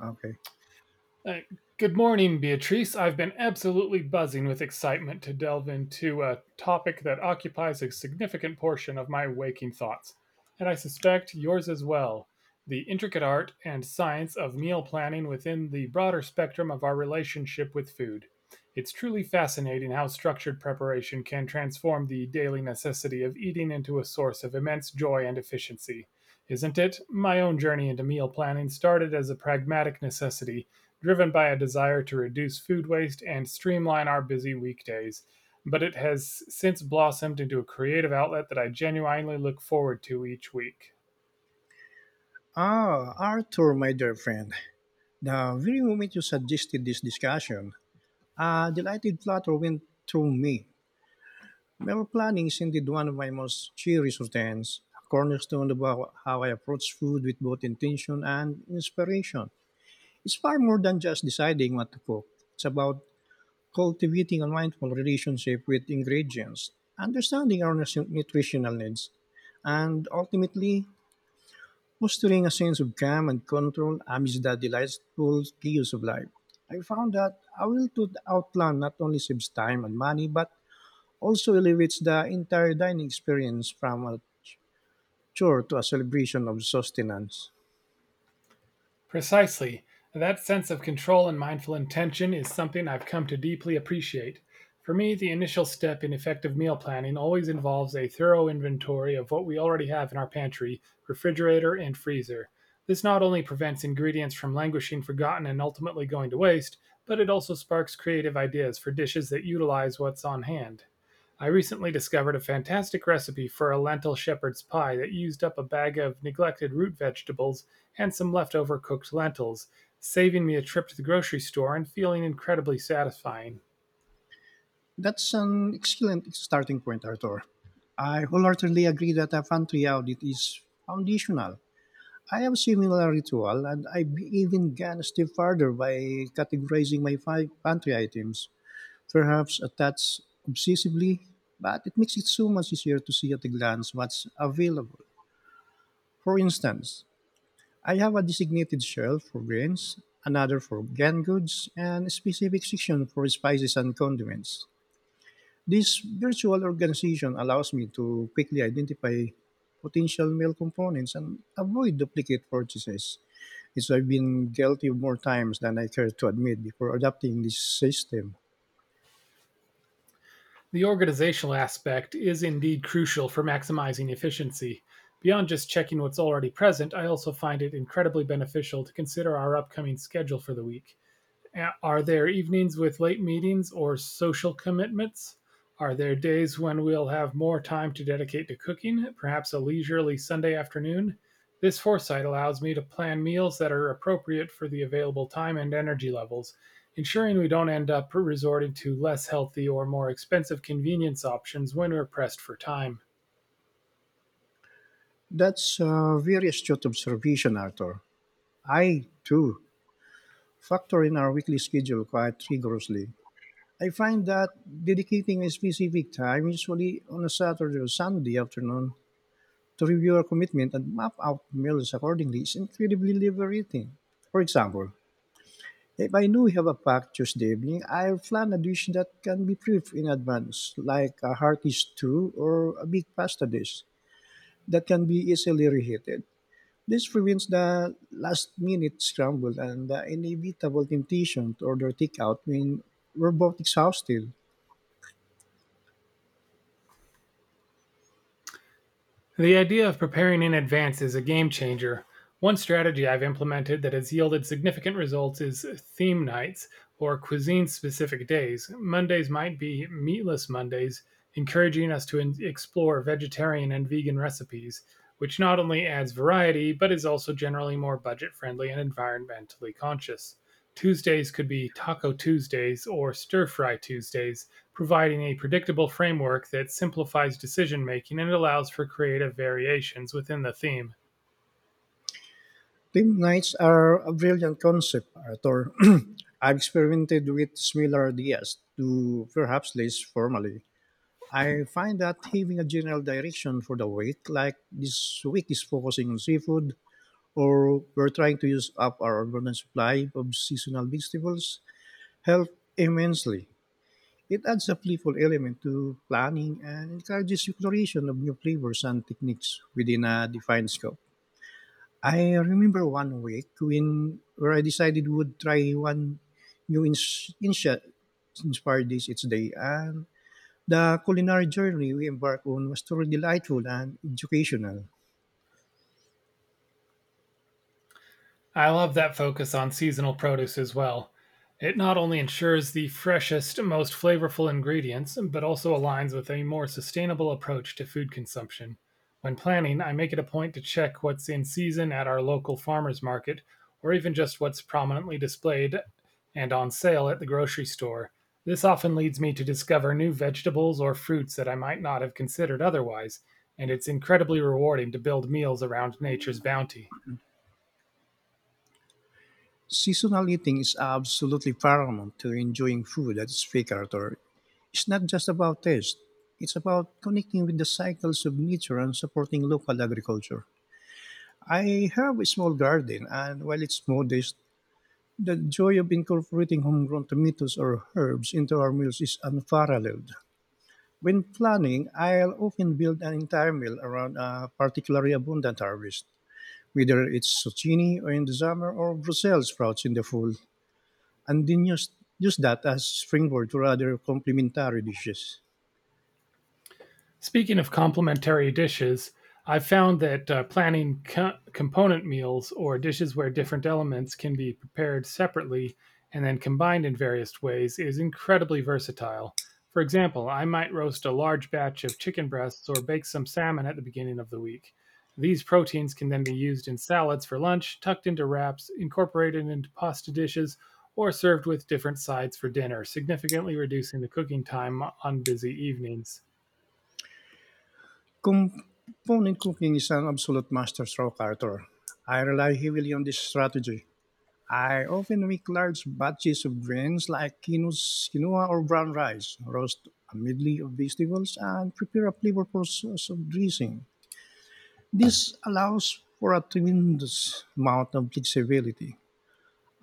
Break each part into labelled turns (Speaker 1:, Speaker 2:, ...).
Speaker 1: Okay.
Speaker 2: Uh, Good morning, Beatrice. I've been absolutely buzzing with excitement to delve into a topic that occupies a significant portion of my waking thoughts, and I suspect yours as well the intricate art and science of meal planning within the broader spectrum of our relationship with food. It's truly fascinating how structured preparation can transform the daily necessity of eating into a source of immense joy and efficiency. Isn't it? My own journey into meal planning started as a pragmatic necessity driven by a desire to reduce food waste and streamline our busy weekdays. But it has since blossomed into a creative outlet that I genuinely look forward to each week.
Speaker 1: Ah, Arthur, my dear friend, the very moment you suggested this discussion, a delighted flutter went through me. Meal planning is indeed one of my most cherished routines, a cornerstone of how I approach food with both intention and inspiration. It's far more than just deciding what to cook. It's about cultivating a mindful relationship with ingredients, understanding our nutritional needs, and ultimately fostering a sense of calm and control amidst the delightful chaos of life. I found that a will to outline not only saves time and money, but also elevates the entire dining experience from a chore to a celebration of sustenance.
Speaker 2: Precisely. That sense of control and mindful intention is something I've come to deeply appreciate. For me, the initial step in effective meal planning always involves a thorough inventory of what we already have in our pantry, refrigerator, and freezer. This not only prevents ingredients from languishing forgotten and ultimately going to waste, but it also sparks creative ideas for dishes that utilize what's on hand. I recently discovered a fantastic recipe for a lentil shepherd's pie that used up a bag of neglected root vegetables and some leftover cooked lentils, saving me a trip to the grocery store and feeling incredibly satisfying.
Speaker 1: That's an excellent starting point, Arthur. I wholeheartedly agree that a pantry audit is foundational. I have a similar ritual, and I even gone a step further by categorizing my five pantry items perhaps attached obsessively, but it makes it so much easier to see at a glance what's available. For instance, I have a designated shelf for grains, another for canned goods, and a specific section for spices and condiments. This virtual organization allows me to quickly identify potential meal components and avoid duplicate purchases. It's I've been guilty more times than I care to admit before adopting this system.
Speaker 2: The organizational aspect is indeed crucial for maximizing efficiency. Beyond just checking what's already present, I also find it incredibly beneficial to consider our upcoming schedule for the week. Are there evenings with late meetings or social commitments? Are there days when we'll have more time to dedicate to cooking, perhaps a leisurely Sunday afternoon? This foresight allows me to plan meals that are appropriate for the available time and energy levels, ensuring we don't end up resorting to less healthy or more expensive convenience options when we're pressed for time.
Speaker 1: That's a very astute observation, Arthur. I, too, factor in our weekly schedule quite rigorously. I find that dedicating a specific time, usually on a Saturday or Sunday afternoon, to review our commitment and map out meals accordingly is incredibly liberating. For example, if I know we have a packed Tuesday evening, I'll plan a dish that can be prepped in advance, like a hearty stew or a big pasta dish that can be easily reheated. This prevents the last minute scramble and the inevitable temptation to order takeout when we're both exhausted.
Speaker 2: The idea of preparing in advance is a game changer. One strategy I've implemented that has yielded significant results is theme nights or cuisine specific days. Mondays might be meatless Mondays, encouraging us to explore vegetarian and vegan recipes, which not only adds variety but is also generally more budget friendly and environmentally conscious. Tuesdays could be Taco Tuesdays or Stir Fry Tuesdays, providing a predictable framework that simplifies decision making and allows for creative variations within the theme.
Speaker 1: Team nights are a brilliant concept, Arthur. I've experimented with similar ideas to perhaps less formally. I find that having a general direction for the week, like this week is focusing on seafood, or we're trying to use up our abundant supply of seasonal vegetables, help immensely. It adds a playful element to planning and encourages exploration of new flavors and techniques within a defined scope. I remember one week when where I decided would try one new inspired dish each day, and the culinary journey we embarked on was truly delightful and educational.
Speaker 2: I love that focus on seasonal produce as well. It not only ensures the freshest, most flavorful ingredients, but also aligns with a more sustainable approach to food consumption. When planning, I make it a point to check what's in season at our local farmers market, or even just what's prominently displayed and on sale at the grocery store. This often leads me to discover new vegetables or fruits that I might not have considered otherwise, and it's incredibly rewarding to build meals around nature's bounty.
Speaker 1: Seasonal eating is absolutely paramount to enjoying food that is fake culture. It's not just about taste, it's about connecting with the cycles of nature and supporting local agriculture. I have a small garden, and while it's modest, the joy of incorporating homegrown tomatoes or herbs into our meals is unparalleled. When planning, I'll often build an entire meal around a particularly abundant harvest, whether it's zucchini or in the summer or Brussels sprouts in the fall and then use that as springboard to other complementary dishes.
Speaker 2: Speaking of complementary dishes, I've found that planning component meals or dishes where different elements can be prepared separately and then combined in various ways is incredibly versatile. For example, I might roast a large batch of chicken breasts or bake some salmon at the beginning of the week. These proteins can then be used in salads for lunch, tucked into wraps, incorporated into pasta dishes, or served with different sides for dinner, significantly reducing the cooking time on busy evenings.
Speaker 1: Component cooking is an absolute masterstroke, Arthur. I rely heavily on this strategy. I often make large batches of grains like quinoa or brown rice, roast a medley of vegetables, and prepare a flavorful sauce of dressing. This allows for a tremendous amount of flexibility.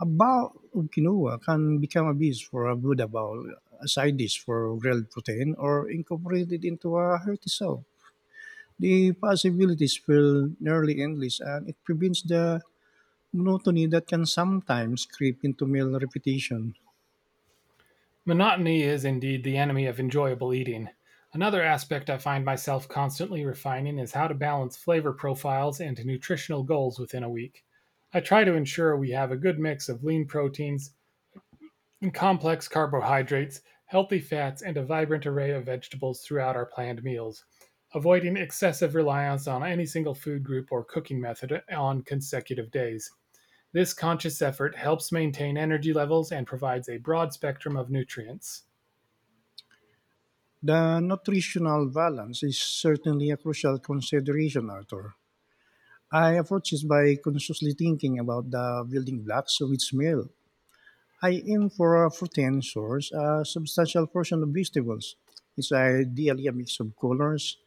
Speaker 1: A bowl of quinoa can become a base for a Buddha bowl, a side dish for grilled protein, or incorporated into a hearty soup. The possibilities feel nearly endless, and it prevents the monotony that can sometimes creep into meal repetition.
Speaker 2: Monotony is indeed the enemy of enjoyable eating. Another aspect I find myself constantly refining is how to balance flavor profiles and nutritional goals within a week. I try to ensure we have a good mix of lean proteins and complex carbohydrates, healthy fats, and a vibrant array of vegetables throughout our planned meals, avoiding excessive reliance on any single food group or cooking method on consecutive days. This conscious effort helps maintain energy levels and provides a broad spectrum of nutrients.
Speaker 1: The nutritional balance is certainly a crucial consideration, Arthur. I approach it by consciously thinking about the building blocks of each meal I aim for protein source a substantial portion of vegetables. It's ideally a mix of colors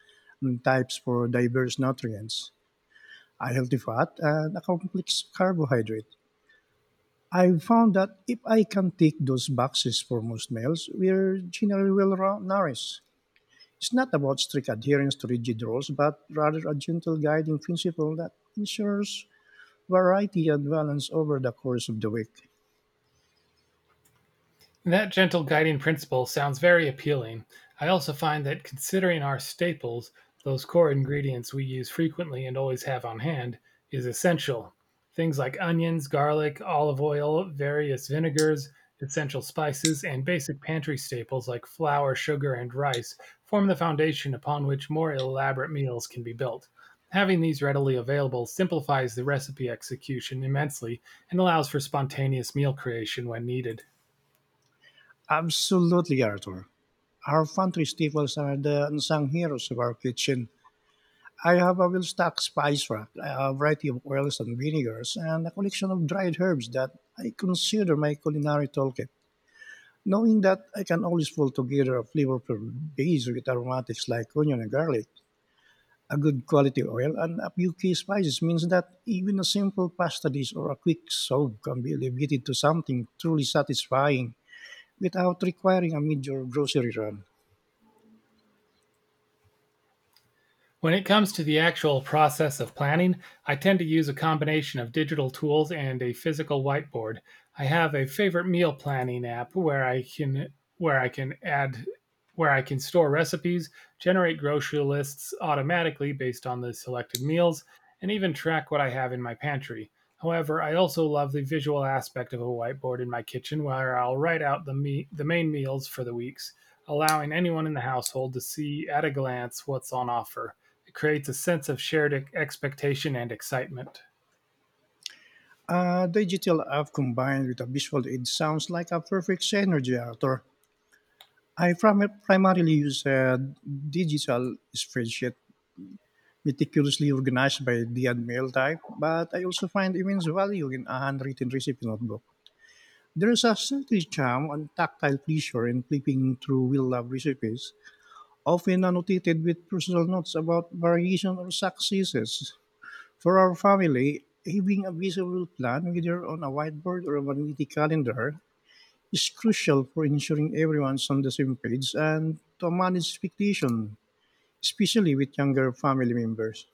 Speaker 1: and types for diverse nutrients, a healthy fat, and a complex carbohydrate. I've found that if I can tick those boxes for most meals, we're generally nourished. It's not about strict adherence to rigid rules, but rather a gentle guiding principle that ensures variety and balance over the course of the week.
Speaker 2: That gentle guiding principle sounds very appealing. I also find that considering our staples, those core ingredients we use frequently and always have on hand, is essential. Things like onions, garlic, olive oil, various vinegars, essential spices, and basic pantry staples like flour, sugar, and rice form the foundation upon which more elaborate meals can be built. Having these readily available simplifies the recipe execution immensely and allows for spontaneous meal creation when needed.
Speaker 1: Absolutely, Arthur. Our pantry staples are the unsung heroes of our kitchen. I have a well-stocked spice rack, a variety of oils and vinegars, and a collection of dried herbs that I consider my culinary toolkit. Knowing that I can always pull together a flavorful base with aromatics like onion and garlic, a good quality oil, and a few key spices means that even a simple pasta dish or a quick soup can be elevated to something truly satisfying without requiring a major grocery run.
Speaker 2: When it comes to the actual process of planning, I tend to use a combination of digital tools and a physical whiteboard. I have a favorite meal planning app where I can add where I can store recipes, generate grocery lists automatically based on the selected meals, and even track what I have in my pantry. However, I also love the visual aspect of a whiteboard in my kitchen where I'll write out the the main meals for the weeks, allowing anyone in the household to see at a glance what's on offer. It creates a sense of shared expectation and excitement.
Speaker 1: A digital app combined with a visual aid sounds like a perfect synergy actor. I primarily use a digital spreadsheet meticulously organized by the and mail type, but I also find immense value in a handwritten recipe notebook. There is a certain charm and tactile pleasure in flipping through well-loved recipes, often annotated with personal notes about variation or successes. For our family, having a visual plan, whether on a whiteboard or a vanity calendar, is crucial for ensuring everyone's on the same page and to manage expectation, especially with younger family members.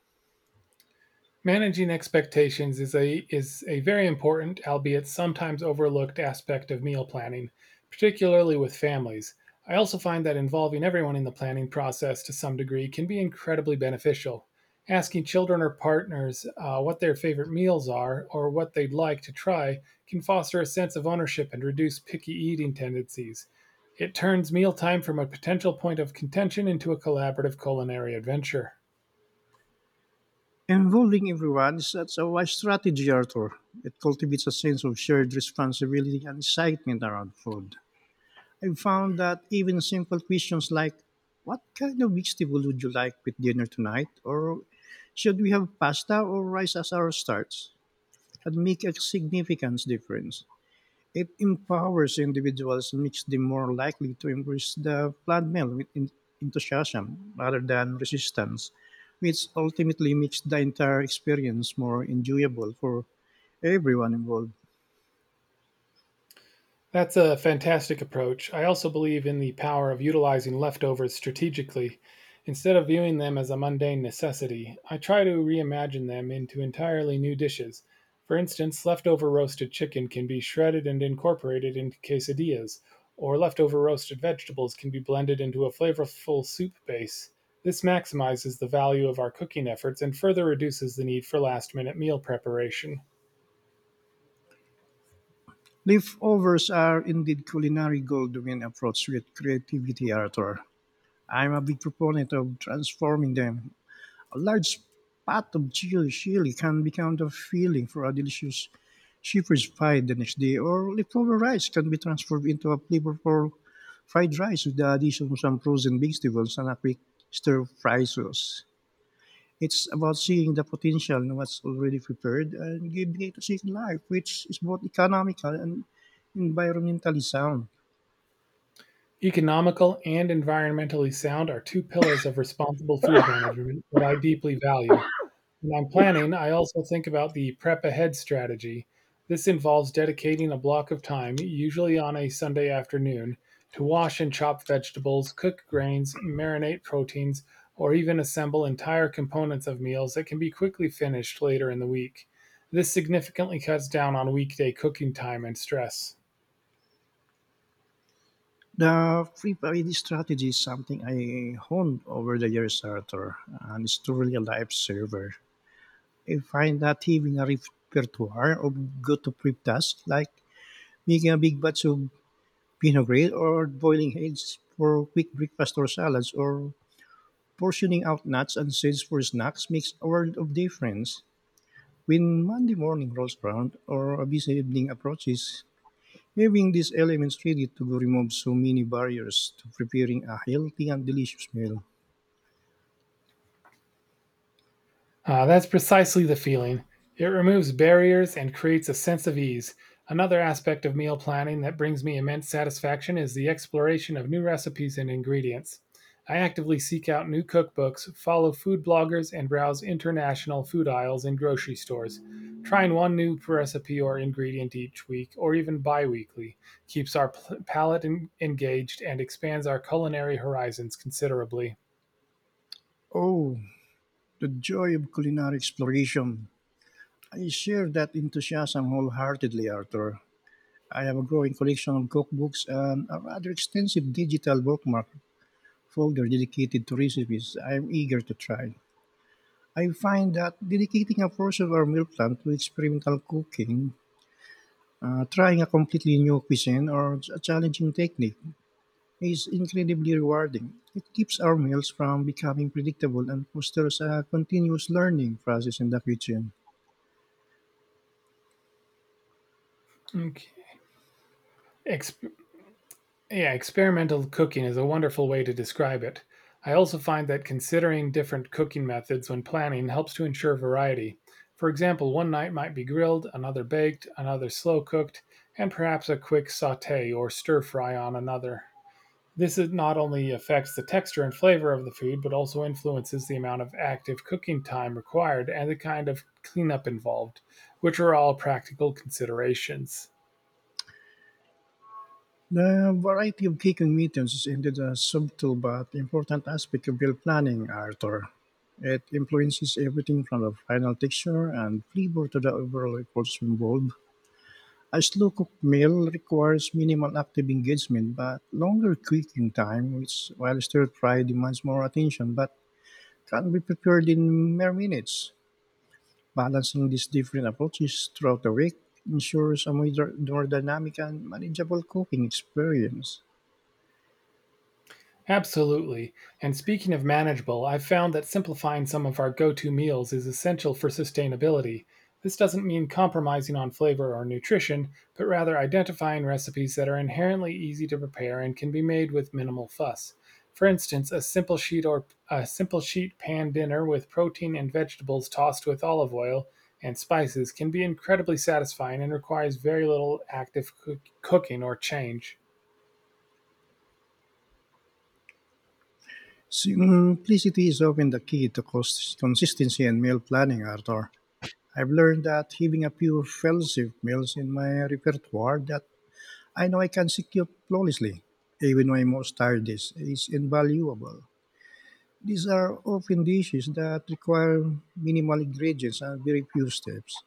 Speaker 2: Managing expectations is a very important, albeit sometimes overlooked, aspect of meal planning, particularly with families. I also find that involving everyone in the planning process to some degree can be incredibly beneficial. Asking children or partners what their favorite meals are or what they'd like to try can foster a sense of ownership and reduce picky eating tendencies. It turns mealtime from a potential point of contention into a collaborative culinary adventure.
Speaker 1: Involving everyone is such a wise strategy, Arthur. It cultivates a sense of shared responsibility and excitement around food. I found that even simple questions like, "What kind of vegetable would you like with dinner tonight?" or "Should we have pasta or rice as our starts?" can make a significant difference. It empowers individuals and makes them more likely to embrace the plan meal with enthusiasm rather than resistance, which ultimately makes the entire experience more enjoyable for everyone involved.
Speaker 2: That's a fantastic approach. I also believe in the power of utilizing leftovers strategically. Instead of viewing them as a mundane necessity, I try to reimagine them into entirely new dishes. For instance, leftover roasted chicken can be shredded and incorporated into quesadillas, or leftover roasted vegetables can be blended into a flavorful soup base. This maximizes the value of our cooking efforts and further reduces the need for last minute meal preparation.
Speaker 1: Leftovers are indeed culinary gold when approached with creativity, Arthur. I'm a big proponent of transforming them. A large pot of chili can become the filling for a delicious shepherd's pie the next day, or leftover rice can be transformed into a flavorful fried rice with the addition of some frozen vegetables and a quick stir fry sauce. It's about seeing the potential in what's already prepared and giving it a second life, which is both economical and environmentally sound.
Speaker 2: Economical and environmentally sound are two pillars of responsible food management that I deeply value. When I'm planning, I also think about the prep ahead strategy. This involves dedicating a block of time, usually on a Sunday afternoon, to wash and chop vegetables, cook grains, marinate proteins, or even assemble entire components of meals that can be quickly finished later in the week. This significantly cuts down on weekday cooking time and stress.
Speaker 1: The free variety strategy is something I honed over the years, Arthur, and it's truly a lifesaver. I find that having a repertoire of good to prep tasks like making a big batch of Pinot Gris or boiling eggs for quick breakfast or salads or portioning out nuts and seeds for snacks makes a world of difference. When Monday morning rolls around or a busy evening approaches, having these elements ready to go removes so many barriers to preparing a healthy and delicious meal.
Speaker 2: Ah, that's precisely the feeling. It removes barriers and creates a sense of ease. Another aspect of meal planning that brings me immense satisfaction is the exploration of new recipes and ingredients. I actively seek out new cookbooks, follow food bloggers, and browse international food aisles in grocery stores. Trying one new recipe or ingredient each week, or even bi weekly, keeps our palate engaged and expands our culinary horizons considerably.
Speaker 1: Oh, the joy of culinary exploration. I share that enthusiasm wholeheartedly, Arthur. I have a growing collection of cookbooks and a rather extensive digital bookmark folder dedicated to recipes I am eager to try. I find that dedicating a portion of our meal plan to experimental cooking, trying a completely new cuisine or a challenging technique, is incredibly rewarding. It keeps our meals from becoming predictable and fosters a continuous learning process in the kitchen.
Speaker 2: Okay. Ex- Yeah, experimental cooking is a wonderful way to describe it. I also find that considering different cooking methods when planning helps to ensure variety. For example, one night might be grilled, another baked, another slow cooked, and perhaps a quick saute or stir fry on another. This is not only affects the texture and flavor of the food, but also influences the amount of active cooking time required and the kind of cleanup involved, which are all practical considerations.
Speaker 1: The variety of cooking methods is indeed a subtle but important aspect of meal planning, Arthur. It influences everything from the final texture and flavor to the overall efforts involved. A slow cooked meal requires minimal active engagement but longer cooking time, which while stir fry demands more attention but can be prepared in mere minutes. Balancing these different approaches throughout the week ensures a more dynamic and manageable cooking experience.
Speaker 2: Absolutely. And speaking of manageable, I've found that simplifying some of our go to meals is essential for sustainability. This doesn't mean compromising on flavor or nutrition, but rather identifying recipes that are inherently easy to prepare and can be made with minimal fuss. For instance, a simple sheet pan dinner with protein and vegetables tossed with olive oil and spices can be incredibly satisfying and requires very little active cooking or change.
Speaker 1: Simplicity is often the key to consistency and meal planning, Arthur. I've learned that having a few fellowship meals in my repertoire that I know I can secure flawlessly, even when most tired, is invaluable. These are often dishes that require minimal ingredients and very few steps.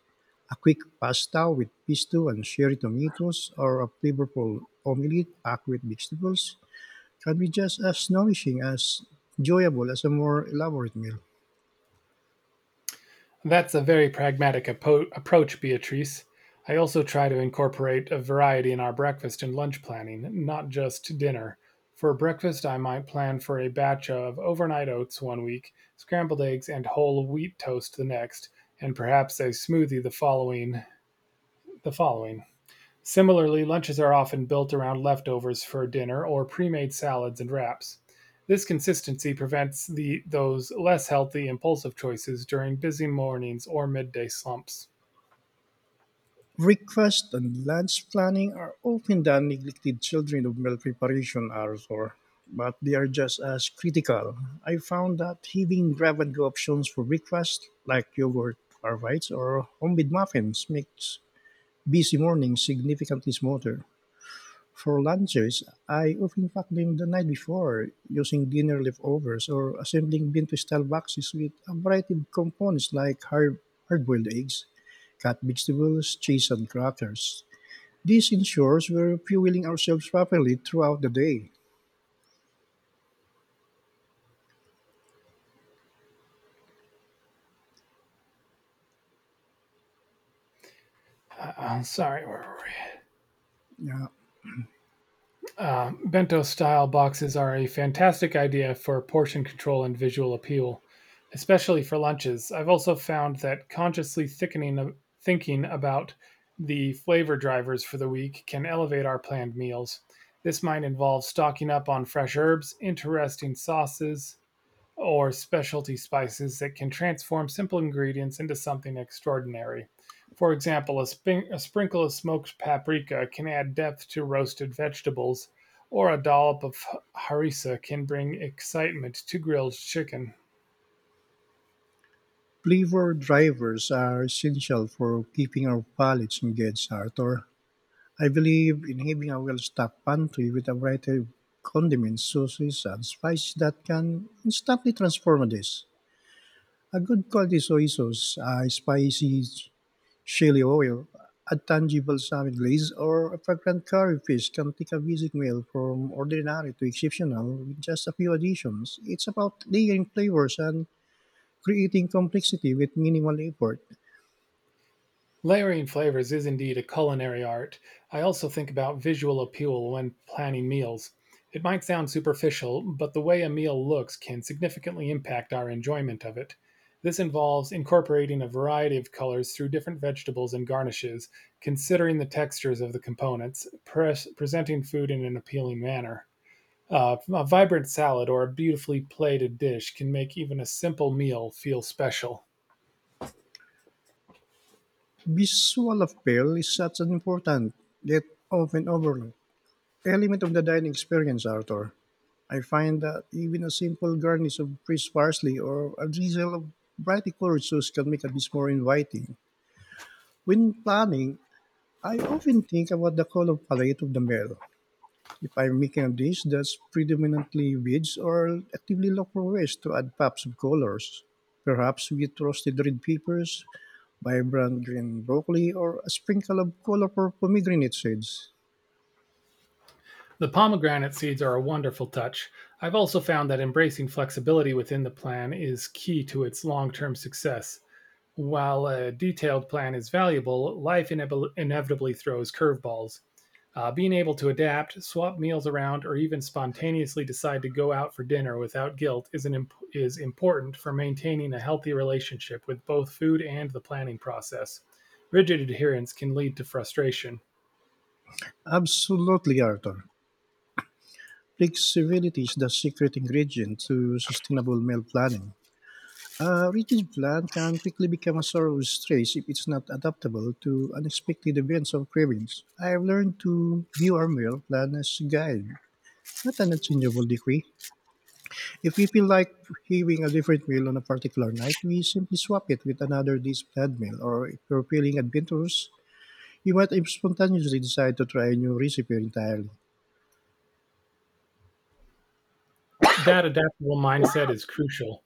Speaker 1: A quick pasta with pesto and cherry tomatoes, or a flavorful omelette packed with vegetables, can be just as nourishing as enjoyable as a more elaborate meal.
Speaker 2: That's a very pragmatic approach, Beatrice. I also try to incorporate a variety in our breakfast and lunch planning, not just dinner. For breakfast, I might plan for a batch of overnight oats one week, scrambled eggs and whole wheat toast the next, and perhaps a smoothie the following. Similarly, lunches are often built around leftovers for dinner or pre-made salads and wraps. This consistency prevents the those less healthy impulsive choices during busy mornings or midday slumps.
Speaker 1: Breakfast and lunch planning are often the neglected children of meal preparation, Arthur, but they are just as critical. I found that having grab-and-go options for breakfast, like yogurt or bites or homemade muffins, makes busy mornings significantly smoother. For lunches, I often pack them the night before using dinner leftovers or assembling bento style boxes with a variety of components like hard-boiled eggs, cut vegetables, cheese, and crackers. This ensures we're fueling ourselves properly throughout the day.
Speaker 2: Sorry, where were
Speaker 1: Uh,
Speaker 2: Bento style boxes are a fantastic idea for portion control and visual appeal, especially for lunches. I've also found that consciously thickening thinking about the flavor drivers for the week can elevate our planned meals. This might involve stocking up on fresh herbs, interesting sauces, or specialty spices that can transform simple ingredients into something extraordinary. For example, a sprinkle of smoked paprika can add depth to roasted vegetables, or a dollop of harissa can bring excitement to grilled chicken.
Speaker 1: Flavor drivers are essential for keeping our palates engaged, Arthur. I believe in having a well-stocked pantry with a variety of condiments, sauces, and spices that can instantly transform a dish. A good quality soy sauce, a spicy chili oil, a tangible salmon glaze, or a fragrant curry fish can take a basic meal from ordinary to exceptional with just a few additions. It's about layering flavors and creating complexity with minimal effort.
Speaker 2: Layering flavors is indeed a culinary art. I also think about visual appeal when planning meals. It might sound superficial, but the way a meal looks can significantly impact our enjoyment of it. This involves incorporating a variety of colors through different vegetables and garnishes, considering the textures of the components, presenting food in an appealing manner. A vibrant salad or a beautifully plated dish can make even a simple meal feel special.
Speaker 1: Visual appeal is such an important, yet often overlooked, element of the dining experience, Arthur. I find that even a simple garnish of fresh parsley or a drizzle of brightly colored sauce can make a dish more inviting. When planning, I often think about the color palette of the meal. If I'm making a dish that's predominantly veg, or actively look for ways to add pops of colors. Perhaps with roasted red peppers, vibrant green broccoli, or a sprinkle of colorful pomegranate seeds.
Speaker 2: The pomegranate seeds are a wonderful touch. I've also found that embracing flexibility within the plan is key to its long term success. While a detailed plan is valuable, life inevitably throws curveballs. Being able to adapt, swap meals around, or even spontaneously decide to go out for dinner without guilt is, is important for maintaining a healthy relationship with both food and the planning process. Rigid adherence can lead to frustration.
Speaker 1: Absolutely, Arthur. Flexibility is the secret ingredient to sustainable meal planning. A rigid plan can quickly become a sorrow's trace if it's not adaptable to unexpected events or cravings. I've learned to view our meal plan as a guide, not an unchangeable decree. If we feel like having a different meal on a particular night, we simply swap it with another day's planned meal. Or if we're feeling adventurous, we might spontaneously decide to try a new recipe entirely.
Speaker 2: That adaptable mindset is crucial.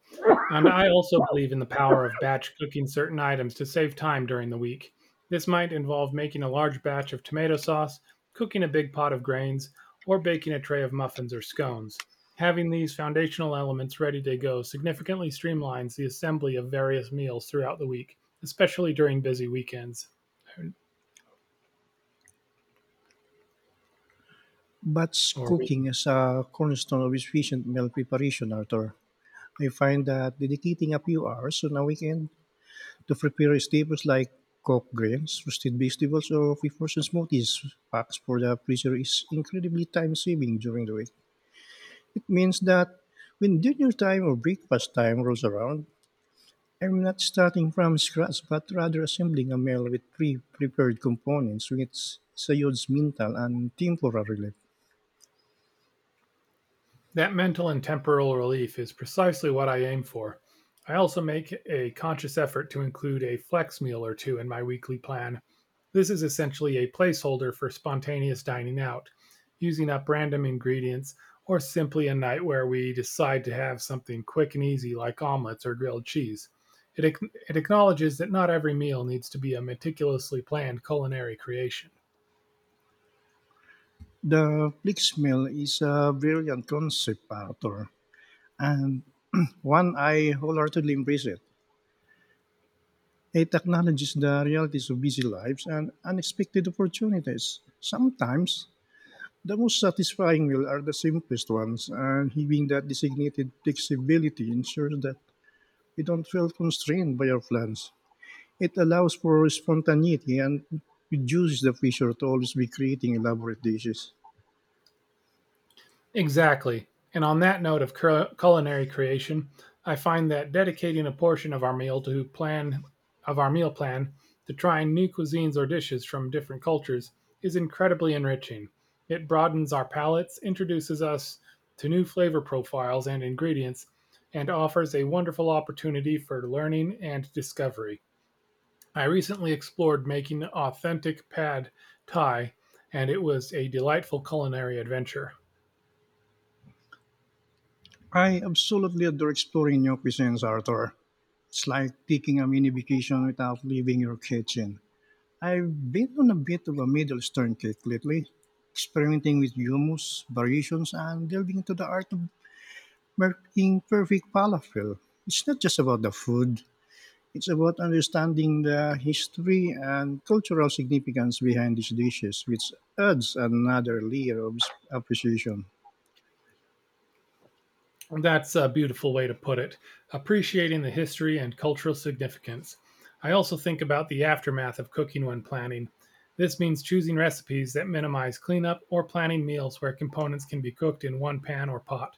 Speaker 2: And I also believe in the power of batch cooking certain items to save time during the week. This might involve making a large batch of tomato sauce, cooking a big pot of grains, or baking a tray of muffins or scones. Having these foundational elements ready to go significantly streamlines the assembly of various meals throughout the week, especially during busy weekends
Speaker 1: Batch
Speaker 2: or week.
Speaker 1: cooking is a cornerstone of efficient meal preparation, Arthur. I find that dedicating a few hours on a weekend to prepare staples like cooked grains, roasted vegetables, or flavors smoothies. Packs for the freezer is incredibly time saving during the week. It means that when dinner time or breakfast time rolls around, I'm not starting from scratch but rather assembling a meal with pre prepared components, which is a huge mental and temporal relief.
Speaker 2: That mental and temporal relief is precisely what I aim for. I also make a conscious effort to include a flex meal or two in my weekly plan. This is essentially a placeholder for spontaneous dining out, using up random ingredients, or simply a night where we decide to have something quick and easy like omelets or grilled cheese. It, it acknowledges that not every meal needs to be a meticulously planned culinary creation.
Speaker 1: The Flix meal is a brilliant concept, author, and one I wholeheartedly embrace it. It acknowledges the realities of busy lives and unexpected opportunities. Sometimes, the most satisfying meals are the simplest ones, and having that designated flexibility ensures that we don't feel constrained by our plans. It allows for spontaneity and reduces the pressure to always be creating elaborate dishes.
Speaker 2: Exactly. And on that note of culinary creation, I find that dedicating a portion of our meal to plan of our meal plan to trying new cuisines or dishes from different cultures is incredibly enriching. It broadens our palates, introduces us to new flavor profiles and ingredients, and offers a wonderful opportunity for learning and discovery. I recently explored making authentic pad thai, and it was a delightful culinary adventure.
Speaker 1: I absolutely adore exploring new cuisines, Arthur. It's like taking a mini vacation without leaving your kitchen. I've been on a bit of a Middle Eastern kick lately, experimenting with hummus, variations, and delving into the art of making perfect falafel. It's not just about the food, it's about understanding the history and cultural significance behind these dishes, which adds another layer of appreciation.
Speaker 2: That's a beautiful way to put it, appreciating the history and cultural significance. I also think about the aftermath of cooking when planning. This means choosing recipes that minimize cleanup or planning meals where components can be cooked in one pan or pot,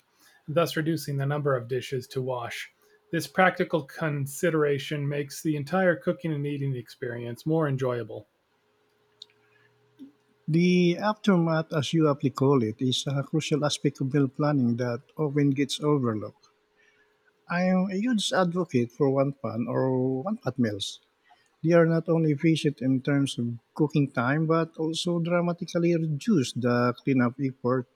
Speaker 2: thus reducing the number of dishes to wash. This practical consideration makes the entire cooking and eating experience more enjoyable.
Speaker 1: The aftermath, as you aptly call it, is a crucial aspect of meal planning that often gets overlooked. I'm a huge advocate for one pan or one pot meals. They are not only efficient in terms of cooking time but also dramatically reduce the cleanup effort.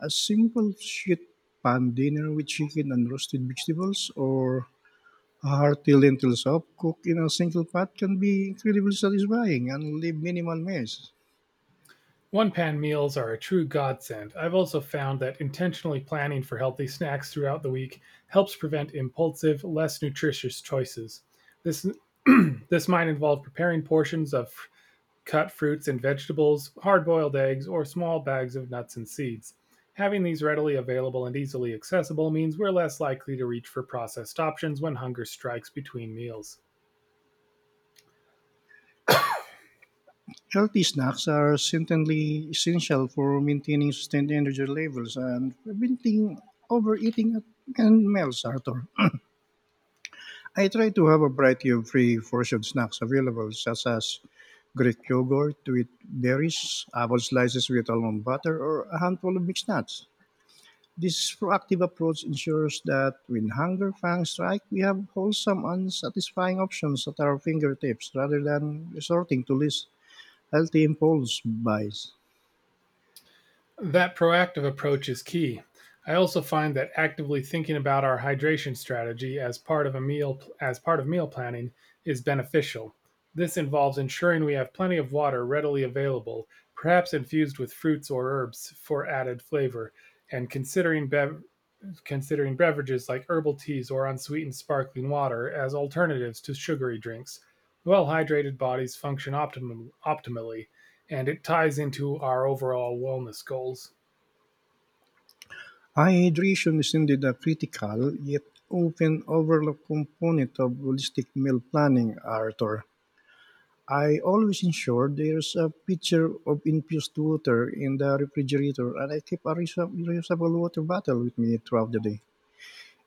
Speaker 1: A simple sheet pan dinner with chicken and roasted vegetables or a hearty lentil soup cooked in a single pot can be incredibly satisfying and leave minimal mess.
Speaker 2: One-pan meals are a true godsend. I've also found that intentionally planning for healthy snacks throughout the week helps prevent impulsive, less nutritious choices. This this might involve preparing portions of cut fruits and vegetables, hard-boiled eggs, or small bags of nuts and seeds. Having these readily available and easily accessible means we're less likely to reach for processed options when hunger strikes between meals.
Speaker 1: Healthy snacks are certainly essential for maintaining sustained energy levels and preventing overeating at and meals, Arthur. I try to have a variety of free portion snacks available, such as Greek yogurt with berries, apple slices with almond butter, or a handful of mixed nuts. This proactive approach ensures that when hunger fangs strike, we have wholesome and satisfying options at our fingertips rather than resorting to less healthy impulse buys.
Speaker 2: That proactive approach is key. I also find that actively thinking about our hydration strategy as part of a meal as part of meal planning is beneficial. This involves ensuring we have plenty of water readily available, perhaps infused with fruits or herbs for added flavor, and considering considering beverages like herbal teas or unsweetened sparkling water as alternatives to sugary drinks. Well hydrated bodies function optimally, and it ties into our overall wellness goals.
Speaker 1: High hydration is indeed a critical yet often overlooked component of holistic meal planning, Arthur. I always ensure there's a pitcher of infused water in the refrigerator and I keep a reusable water bottle with me throughout the day.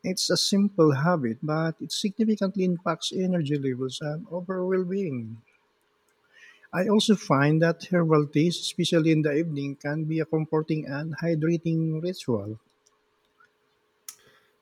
Speaker 1: It's a simple habit, but it significantly impacts energy levels and overall well being. I also find that herbal teas, especially in the evening, can be a comforting and hydrating ritual.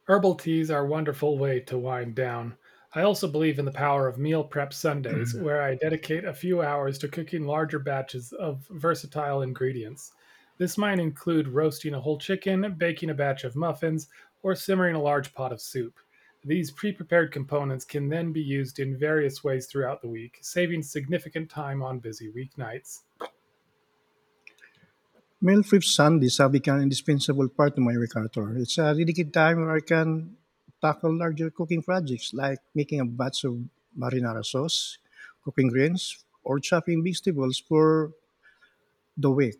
Speaker 2: Herbal teas are a wonderful way to wind down. I also believe in the power of meal prep Sundays, where I dedicate a few hours to cooking larger batches of versatile ingredients. This might include roasting a whole chicken, baking a batch of muffins, or simmering a large pot of soup. These pre prepared components can then be used in various ways throughout the week, saving significant time on busy weeknights.
Speaker 1: Meal prep Sunday sabi become an indispensable part of my repertoire. It's a dedicated time where I can tackle larger cooking projects like making a batch of marinara sauce, cooking grains, or chopping vegetables for the week.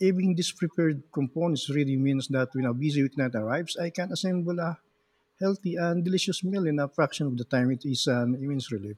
Speaker 1: Having these prepared components really means that when a busy weeknight arrives, I can assemble a healthy and delicious meal in a fraction of the time. It is an immense relief.